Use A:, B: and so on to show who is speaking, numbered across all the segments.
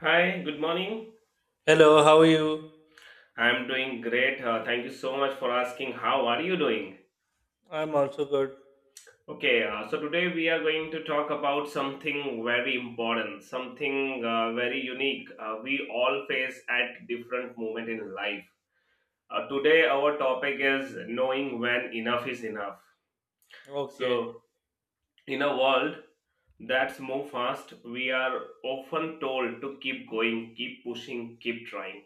A: Hi, good morning.
B: Hello, how are you?
A: I'm doing great. Thank you so much for asking. How are you doing?
B: I'm also good.
A: Okay, so today we are going to talk about something very important, something very unique we all face at different moment in life. Today our topic is knowing when enough is enough.
B: Okay.
A: So, in a world that's move fast. We are often told to keep going, keep pushing, keep trying.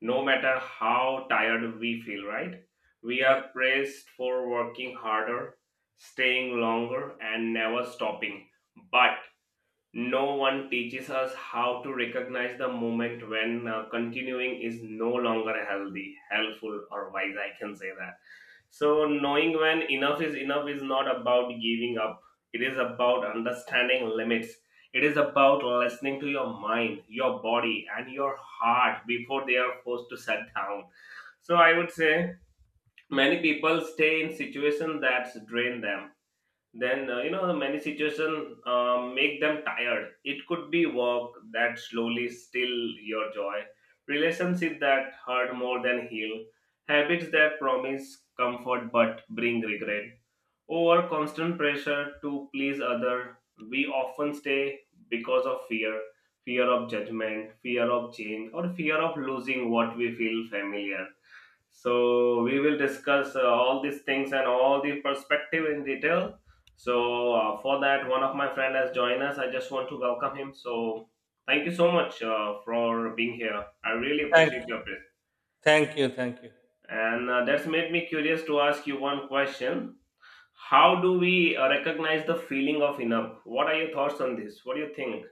A: No matter how tired we feel, right? We
B: Yeah.
A: are praised for working harder, staying longer, and never stopping. But no one teaches us how to recognize the moment when continuing is no longer healthy, helpful, or wise. I can say that. So, knowing when enough is not about giving up, it is about understanding limits. It is about listening to your mind, your body, and your heart before they are forced to shut down. So, I would say many people stay in situations that drain them, then many situations make them tired. It could be work that slowly steal your joy, relationship that hurt more than heal, habits that promise comfort but bring regret, or constant pressure to please other. We often stay because of fear, fear of judgment, fear of change, or fear of losing what we feel familiar. So we will discuss all these things and all the perspective in detail. So for that, one of my friend has joined us. I just want to welcome him. So thank you so much for being here. I really
B: Thank you.
A: appreciate your presence.
B: Thank you. Thank you.
A: And that's made me curious to ask you one question. How do we recognize the feeling of enough? What are your thoughts on this? What do you think?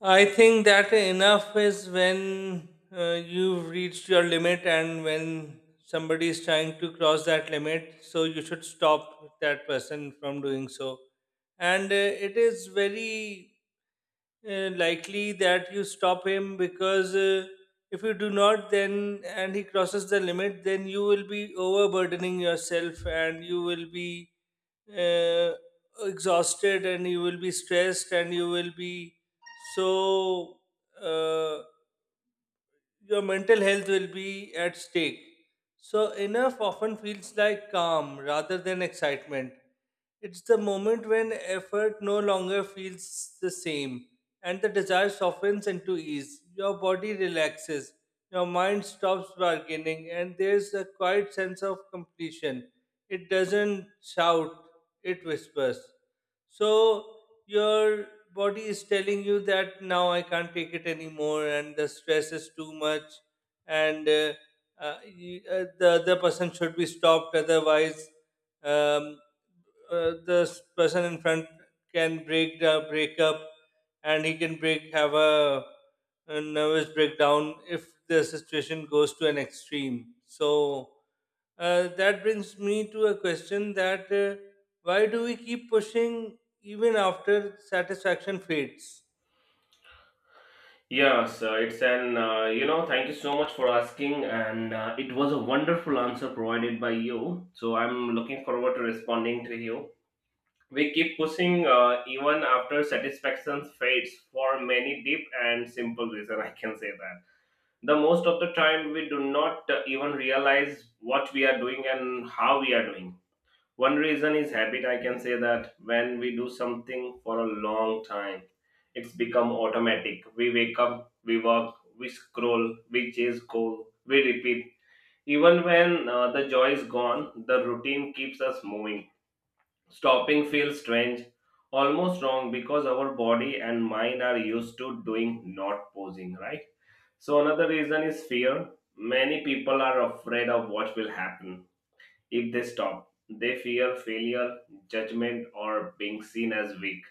B: I think that enough is when you've reached your limit, and when somebody is trying to cross that limit, so you should stop that person from doing so. And it is very likely that you stop him because if you do not, then and he crosses the limit, then you will be overburdening yourself and you will be uh, exhausted, and you will be stressed, and you will be so uh, your mental health will be at stake. So, enough often feels like calm rather than excitement. It's the moment when effort no longer feels the same and the desire softens into ease. Your body relaxes, your mind stops bargaining, and there's a quiet sense of completion. It doesn't shout, it whispers. So your body is telling you that now I can't take it anymore, and the stress is too much, and the other person should be stopped, otherwise um, the person in front can break up, and he can break have a nervous breakdown if the situation goes to an extreme. So that brings me to a question that why do we keep pushing even after satisfaction fades?
A: Yes, so it's an, thank you so much for asking, and it was a wonderful answer provided by you. So I'm looking forward to responding to you. We keep pushing even after satisfaction fades for many deep and simple reason. I can say that. The most of the time, we do not even realize what we are doing and how we are doing it. One reason is habit. I can say that when we do something for a long time, it's become automatic. We wake up, we work, we scroll, we chase goal, we repeat. Even when the joy is gone, the routine keeps us moving. Stopping feels strange, almost wrong because our body and mind are used to doing, not posing, right? So another reason is fear. Many people are afraid of what will happen if they stop, they fear failure, judgment, or being seen as weak.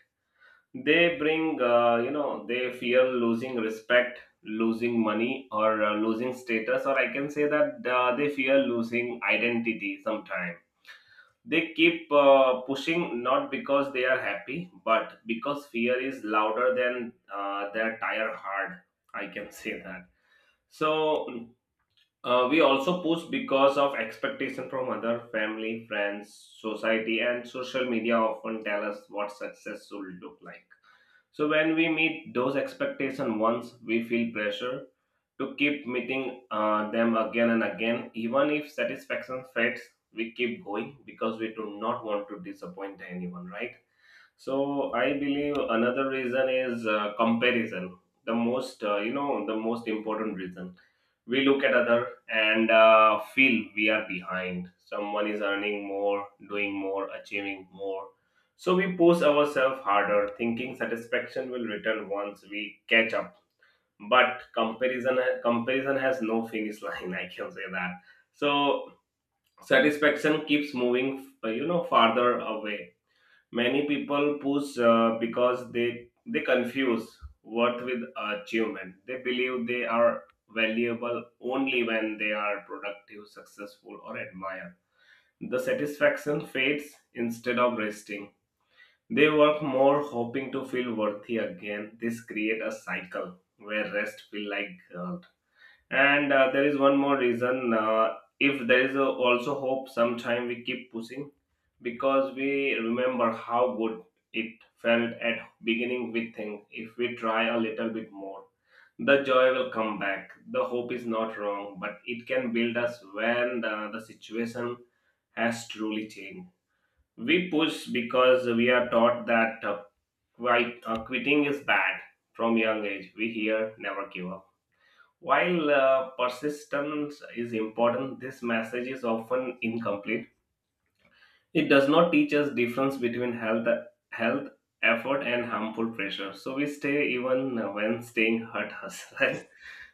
A: They bring, they fear losing respect, losing money, or losing status, or I can say that they fear losing identity sometime. They keep pushing not because they are happy, but because fear is louder than their tired heart. I can say that. So we also push because of expectation from other family, friends, society, and social media often tell us what success should look like. So when we meet those expectations once, we feel pressure to keep meeting them again and again. Even if satisfaction fades, we keep going because we do not want to disappoint anyone, right? So I believe another reason is comparison. The most, the most important reason. We look at other and feel we are behind. Someone is earning more, doing more, achieving more. So we push ourselves harder, thinking satisfaction will return once we catch up. But comparison has no finish line. I can say that. So satisfaction keeps moving, farther away. Many people push because they confuse worth with achievement. They believe they are valuable only when they are productive, successful, or admired. The satisfaction fades instead of resting. They work more hoping to feel worthy again. This create a cycle where rest feel like guilt. And there is one more reason. If there is a, also hope, sometime we keep pushing because we remember how good it felt at beginning. We think if we try a little bit more the joy will come back. The hope is not wrong but it can build us when the situation has truly changed. We push because we are taught that quitting is bad. From young age we hear never give up. While persistence is important, this message is often incomplete. It does not teach us difference between health, health effort, and harmful pressure. So we stay even when staying hurt us, right?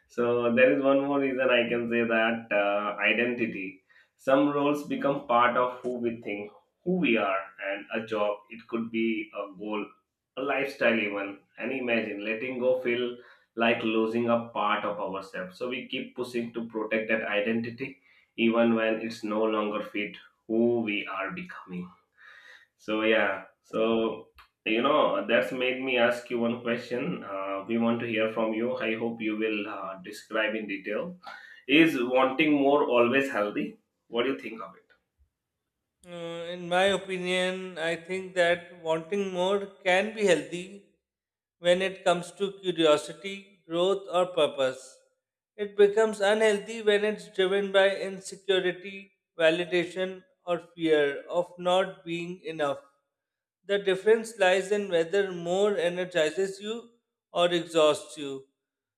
A: So there is one more reason I can say that identity. Some roles become part of who we think, who we are, and a job. It could be a goal, a lifestyle, even. And imagine letting go feel like losing a part of ourselves. So we keep pushing to protect that identity, even when it's no longer fit who we are becoming. So yeah, so you know that's made me ask you one question. We want to hear from you. I hope you will describe in detail. Is wanting more always healthy? What do you think of it?
B: In my opinion, I think that wanting more can be healthy when it comes to curiosity, growth, or purpose. It becomes unhealthy when it's driven by insecurity, validation, or fear of not being enough. The difference lies in whether more energizes you or exhausts you.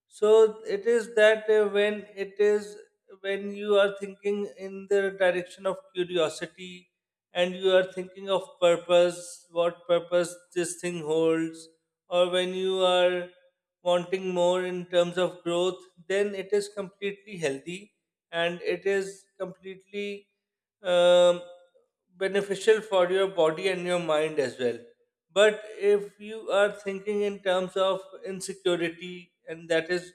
B: So it is that when it is when you are thinking in the direction of curiosity, and you are thinking of purpose, what purpose this thing holds, or when you are wanting more in terms of growth, then it is completely healthy and it is completely um, beneficial for your body and your mind as well. But if you are thinking in terms of insecurity, and that is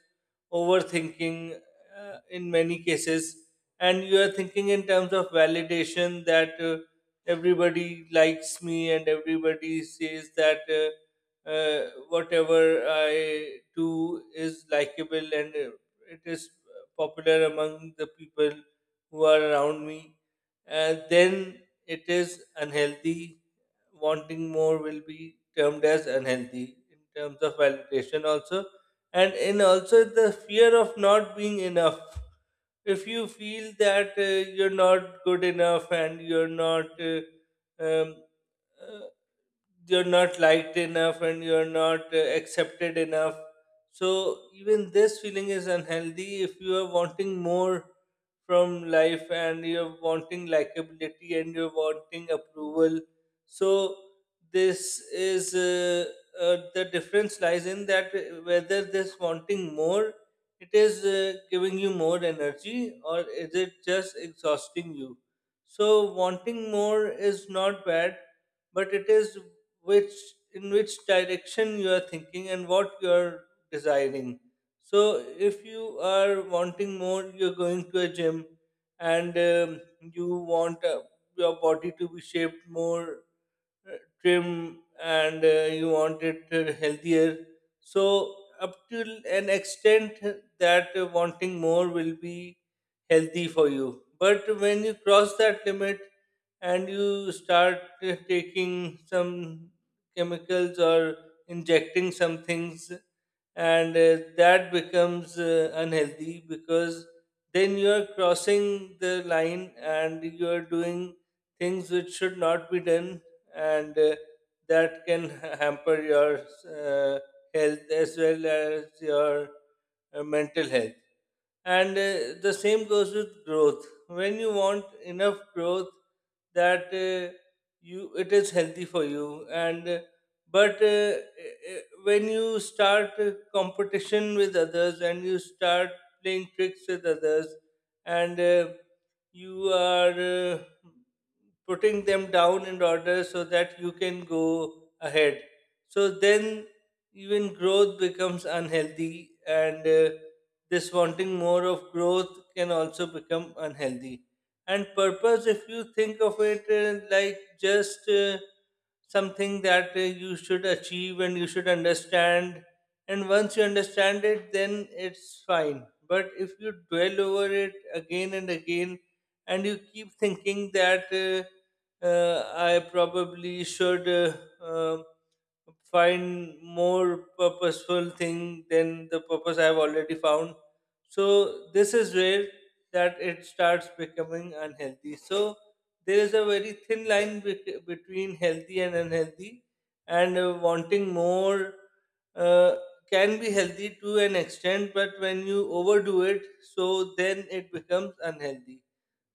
B: overthinking in many cases, and you are thinking in terms of validation that everybody likes me, and everybody says that whatever I do is likable, and it is popular among the people who are around me, then it is unhealthy. Wanting more will be termed as unhealthy in terms of validation also, and in also the fear of not being enough. If you feel that you're not good enough, and um, uh, you're not liked enough, and you're not accepted enough, so even this feeling is unhealthy if you are wanting more from life, and you're wanting likability, and you're wanting approval. So this is the difference lies in that whether this wanting more, it is giving you more energy or is it just exhausting you. So wanting more is not bad, but it is which, in which direction you are thinking and what you are desiring. So if you are wanting more, you're going to a gym, and you want your body to be shaped more, trim, and you want it healthier. So, up till an extent, that wanting more will be healthy for you. But when you cross that limit and you start taking some chemicals or injecting some things, and that becomes unhealthy because then you are crossing the line and you are doing things which should not be done, and that can hamper your uh, health as well as your mental health. And the same goes with growth. When you want enough growth, that you it is healthy for you, and but when you start competition with others and you start playing tricks with others, and you are uh, putting them down in order so that you can go ahead. So then even growth becomes unhealthy, and this wanting more of growth can also become unhealthy. And purpose, if you think of it like just something that you should achieve and you should understand, and once you understand it, then it's fine. But if you dwell over it again and again, and you keep thinking that I probably should um find more purposeful thing than the purpose I've already found. So this is where that it starts becoming unhealthy. So there is a very thin line between healthy and unhealthy, and wanting more uh, can be healthy to an extent, but when you overdo it, so then it becomes unhealthy.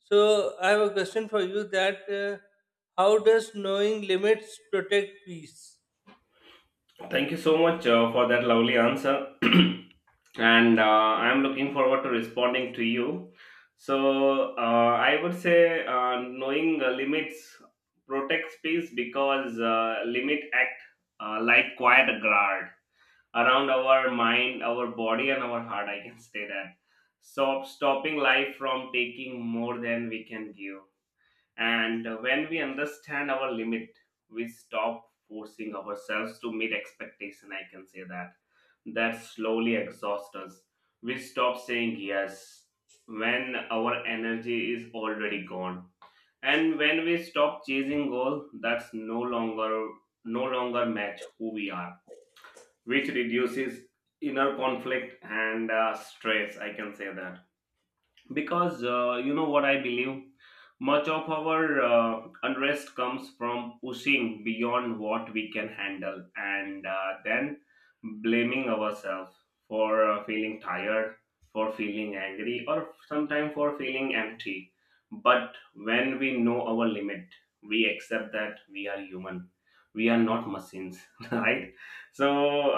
B: So I have a question for you that how does knowing limits protect peace?
A: Thank you so much for that lovely answer, and I'm looking forward to responding to you. So I would say knowing limits protects peace because limit act like quiet guard around our mind, our body, and our heart. I can say that. So, stopping life from taking more than we can give. And when we understand our limit, we stop forcing ourselves to meet expectation. I can say that. That slowly exhausts us. We stop saying yes when our energy is already gone. And when we stop chasing goal, that's no longer match who we are, which reduces inner conflict and stress. I can say that because you know what I believe much of our unrest comes from pushing beyond what we can handle and then blaming ourselves for feeling tired, for feeling angry, or sometimes for feeling empty. But when we know our limit, we accept that we are human. We are not machines, right? So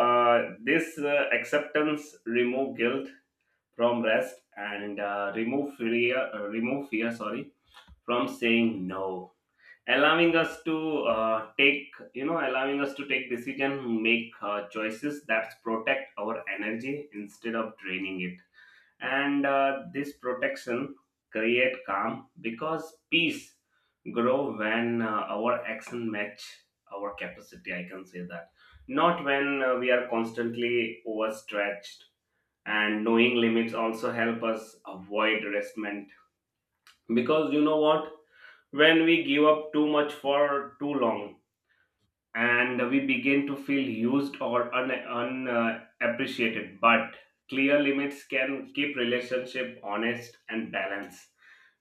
A: this acceptance remove guilt from rest and remove fear, sorry, from saying no, allowing us to take you know allowing us to take decision, make choices that protect our energy instead of draining it. And this protection create calm because peace grow when our action match our capacity, I can say that, not when we are constantly overstretched. And knowing limits also help us avoid resentment because you know what, when we give up too much for too long and we begin to feel used or unappreciated. But clear limits can keep relationship honest and balanced,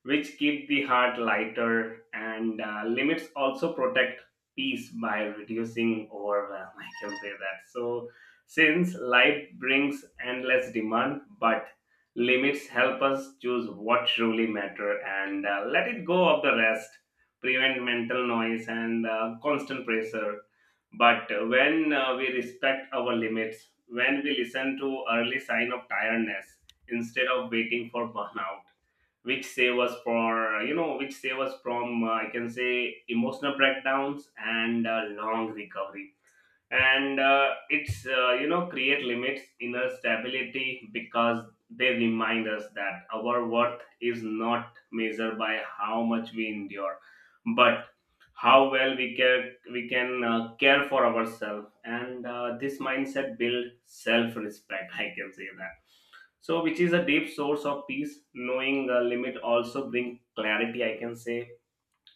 A: which keep the heart lighter. And limits also protect peace by reducing overwhelm. I can say that. So, since life brings endless demand, but limits help us choose what truly matter and let it go of the rest, prevent mental noise and constant pressure. But when we respect our limits, when we listen to early sign of tiredness instead of waiting for burnout, which save us for which save us from I can say emotional breakdowns and long recovery. And it's you know create limits inner stability because they remind us that our worth is not measured by how much we endure, but how well we care. We can care for ourselves, and this mindset build self respect. I can say that. So which is a deep source of peace. Knowing the limit also bring clarity, I can say,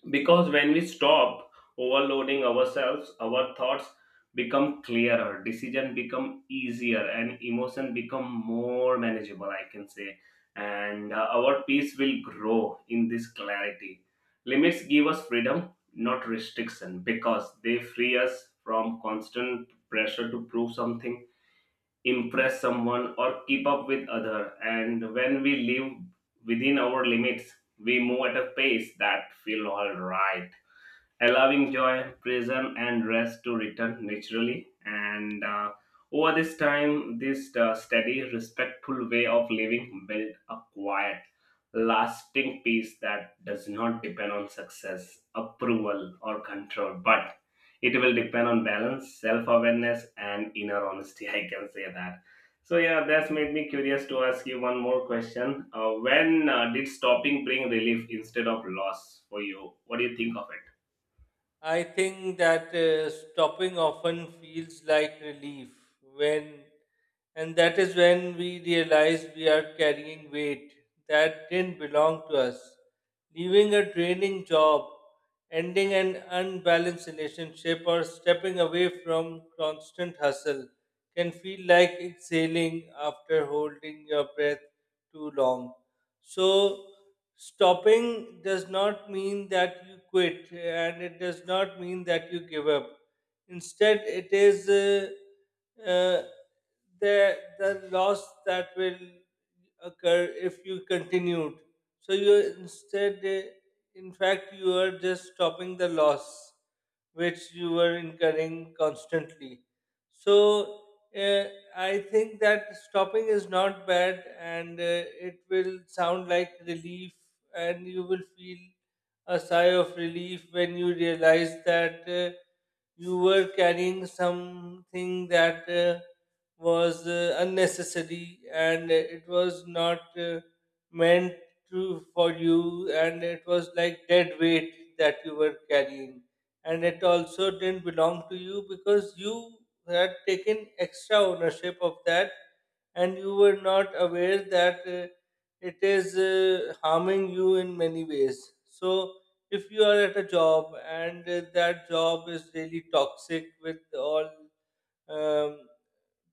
A: because when we stop overloading ourselves, our thoughts become clearer, decision become easier, and emotion become more manageable, I can say. And our peace will grow in this clarity. Limits give us freedom, not restriction, because they free us from constant pressure to prove something, impress someone, or keep up with other. And when we live within our limits, we move at a pace that feel all right, allowing joy, prison, and rest to return naturally. And over this time, this steady, respectful way of living built a quiet, lasting peace that does not depend on success, approval, or control, but it will depend on balance, self awareness, and inner honesty. I can say that. So yeah, that's made me curious to ask you one more question. When did stopping bring relief instead of loss for you? What do you think of it?
B: I think that stopping often feels like relief when, and that is when we realize we are carrying weight that didn't belong to us. Leaving a draining job, ending an unbalanced relationship, or stepping away from constant hustle can feel like exhaling after holding your breath too long. So, stopping does not mean that you quit, and it does not mean that you give up. Instead, it is uh, the loss that will occur if you continued. So, you instead, in fact, you are just stopping the loss which you were incurring constantly. So uh, I think that stopping is not bad, and it will sound like relief, and you will feel a sigh of relief when you realize that you were carrying something that was unnecessary, and it was not meant to for you, and it was like dead weight that you were carrying, and it also didn't belong to you because you had taken extra ownership of that, and you were not aware that it is harming you in many ways. So, if you are at a job, and that job is really toxic with all um,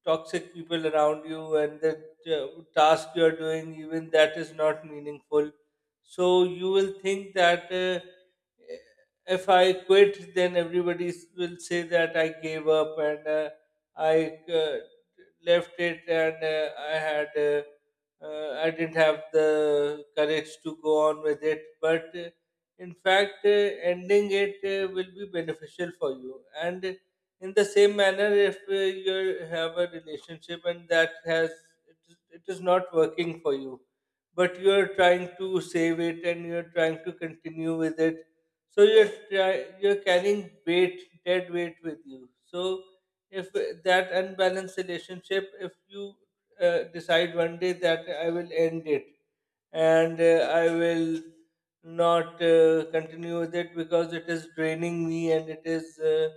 B: toxic people around you, and the task you are doing, even that is not meaningful, so you will think that if I quit, then everybody will say that I gave up, and I uh, left it, and i had uh, I didn't have the courage to go on with it. But in fact, ending it will be beneficial for you. And in the same manner, if you have a relationship, and that has it is not working for you, but you are trying to save it, and you are trying to continue with it, so you're carrying weight, dead weight, with you. So if that unbalanced relationship, if you decide one day that I will end it, and I will not continue with it because it is draining me, and it is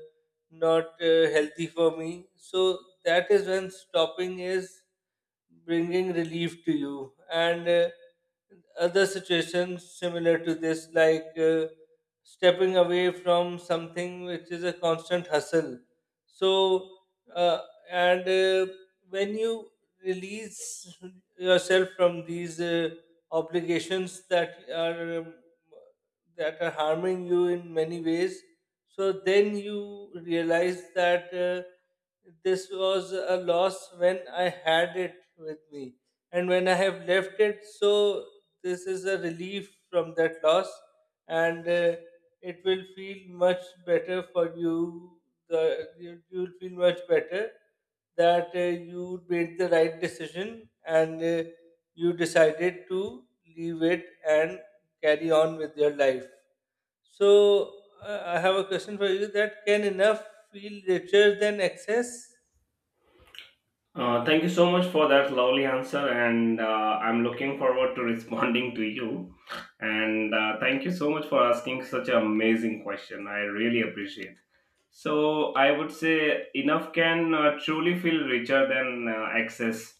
B: not healthy for me. So that is when stopping is bringing relief to you, and other situations similar to this, like stepping away from something which is a constant hustle. So uh, and uh, when you release yourself from these obligations that are harming you in many ways, so then you realize that this was a loss when I had it with me. And when I have left it, so this is a relief from that loss, and it will feel much better for you. You will feel much better that you made the right decision, and you decided to leave it and carry on with your life. So I have a question for you that can enough feel richer than excess?
A: Thank you so much for that lovely answer, and I'm looking forward to responding to you. And thank you so much for asking such an amazing question. I really appreciate. So I would say enough can truly feel richer than excess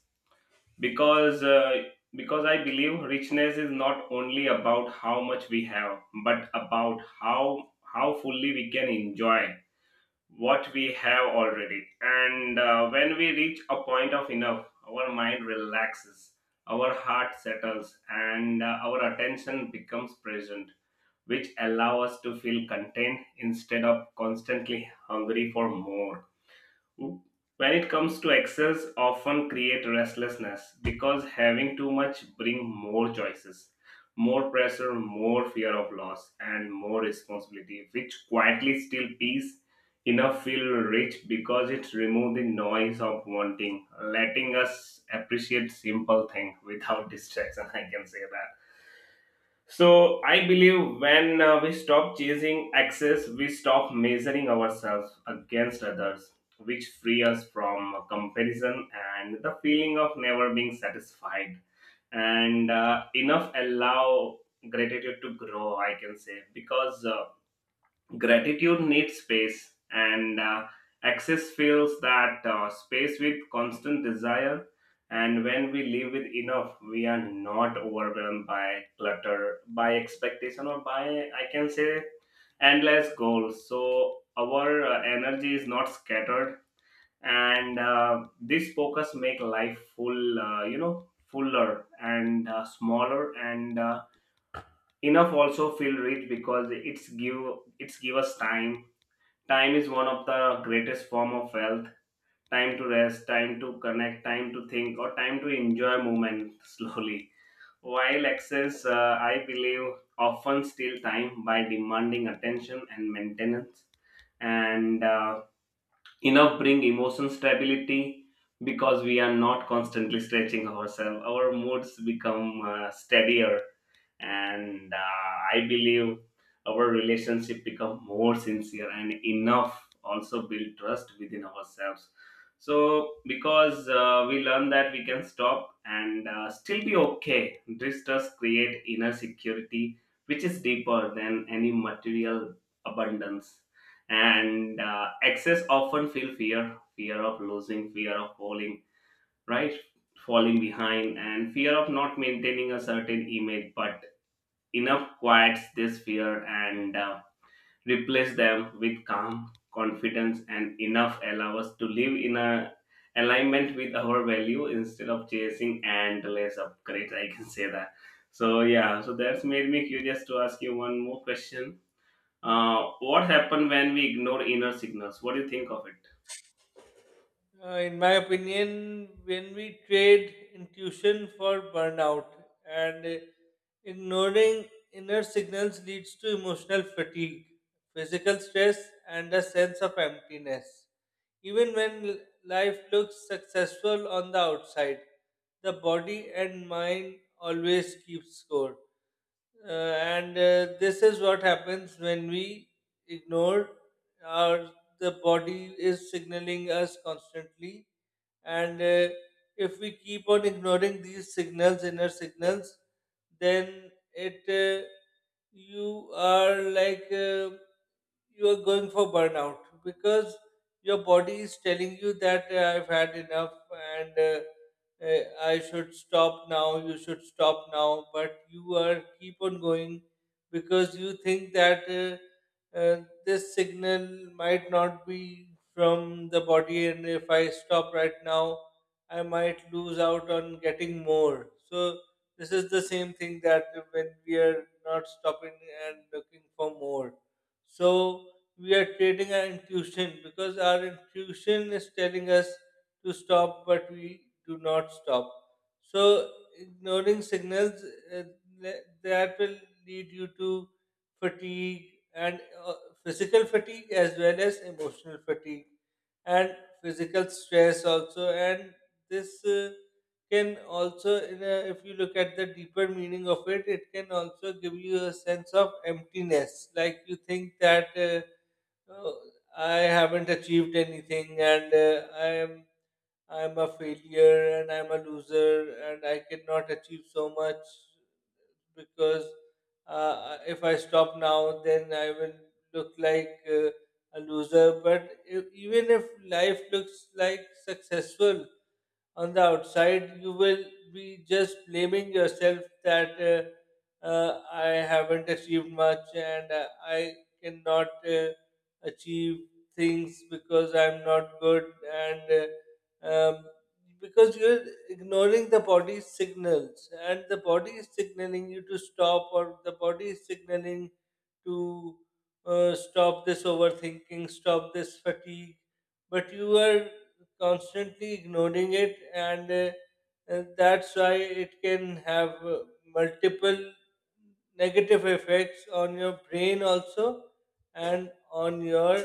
A: because I believe richness is not only about how much we have, but about how fully we can enjoy what we have already. And when we reach a point of enough, our mind relaxes, our heart settles, and our attention becomes present, which allow us to feel content instead of constantly hungry for more. When it comes to excels, often create restlessness because having too much bring more choices, more pressure, more fear of loss, and more responsibility, which quietly steal peace. Enough feel rich because it remove the noise of wanting, letting us appreciate simple thing without distraction. I can say that. So I believe when we stop chasing access, we stop measuring ourselves against others, which free us from comparison and the feeling of never being satisfied. And enough allow gratitude to grow, I can say, because gratitude needs space, and access fills that space with constant desire. And when we live with enough, we are not overwhelmed by clutter, by expectation, or by, I can say, endless goals. So our energy is not scattered, and this focus make life full, fuller and smaller. And enough also feel rich because it's give us time. Time is one of the greatest form of wealth. Time to rest, time to connect, time to think, or time to enjoy moment slowly, while excess I believe often steal time by demanding attention and maintenance. And enough bring emotion stability because we are not constantly stretching ourselves, our moods become steadier. And I believe our relationship become more sincere, and enough also build trust within ourselves. So because we learn that we can stop and still be okay. This does create inner security, which is deeper than any material abundance. And excess often feel fear, fear of losing, fear of falling, right, falling behind, and fear of not maintaining a certain image. But enough quiets this fear and replace them with calm confidence. And enough allow us to live in a alignment with our value instead of chasing endless upgrades, I can say that. So yeah, so that's made me curious to ask you one more question. What happened when we ignore inner signals? What do you think of it?
B: In my opinion, when we trade intuition for burnout, and ignoring inner signals leads to emotional fatigue, physical stress, and a sense of emptiness. Even when life looks successful on the outside, the body and mind always keep score. Uh, and This is what happens when we ignore our, the body is signaling us constantly, and if we keep on ignoring these signals, inner signals, then it you are like you are going for burnout because your body is telling you that I've had enough, and I should stop now, you should stop now, but you are keep on going because you think that this signal might not be from the body, and if I stop right now, I might lose out on getting more. So, this is the same thing that when we are not stopping and looking for more. So, we are trading our intuition because our intuition is telling us to stop, but we do not stop. So, ignoring signals, uh, that will lead you to fatigue, and uh, physical fatigue as well as emotional fatigue, and physical stress also. And this can also, in a, if you look at the deeper meaning of it, it can also give you a sense of emptiness. Like you think that. Oh, I haven't achieved anything, and I'm a failure, and I'm a loser, and I cannot achieve so much because if I stop now, then I will look like a loser. But if, even if life looks like successful, on the outside, you will be just blaming yourself that I haven't achieved much, and I cannot achieve things because I'm not good. And uh, um, because you're ignoring the body's signals, and the body is signaling you to stop, or the body is signaling to stop this overthinking, stop this fatigue, but you are constantly ignoring it, and that's why it can have multiple negative effects on your brain also, and on your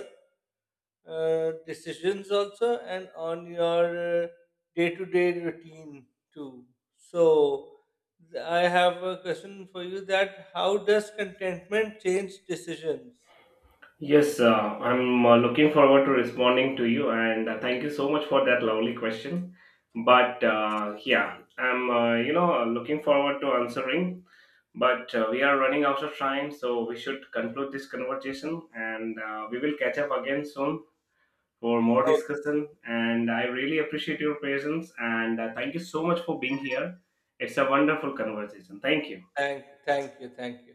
B: decisions also, and on your day-to-day routine too. So I have a question for you that how does contentment change decisions?
A: Yes, I'm looking forward to responding to you, and thank you so much for that lovely question. But yeah, I'm looking forward to answering. But we are running out of time, so we should conclude this conversation, and we will catch up again soon for more
B: Okay.
A: discussion. And I really appreciate your presence, and thank you so much for being here. It's a
B: Oh,
A: wonderful conversation. Thank you.
B: thank you, thank you.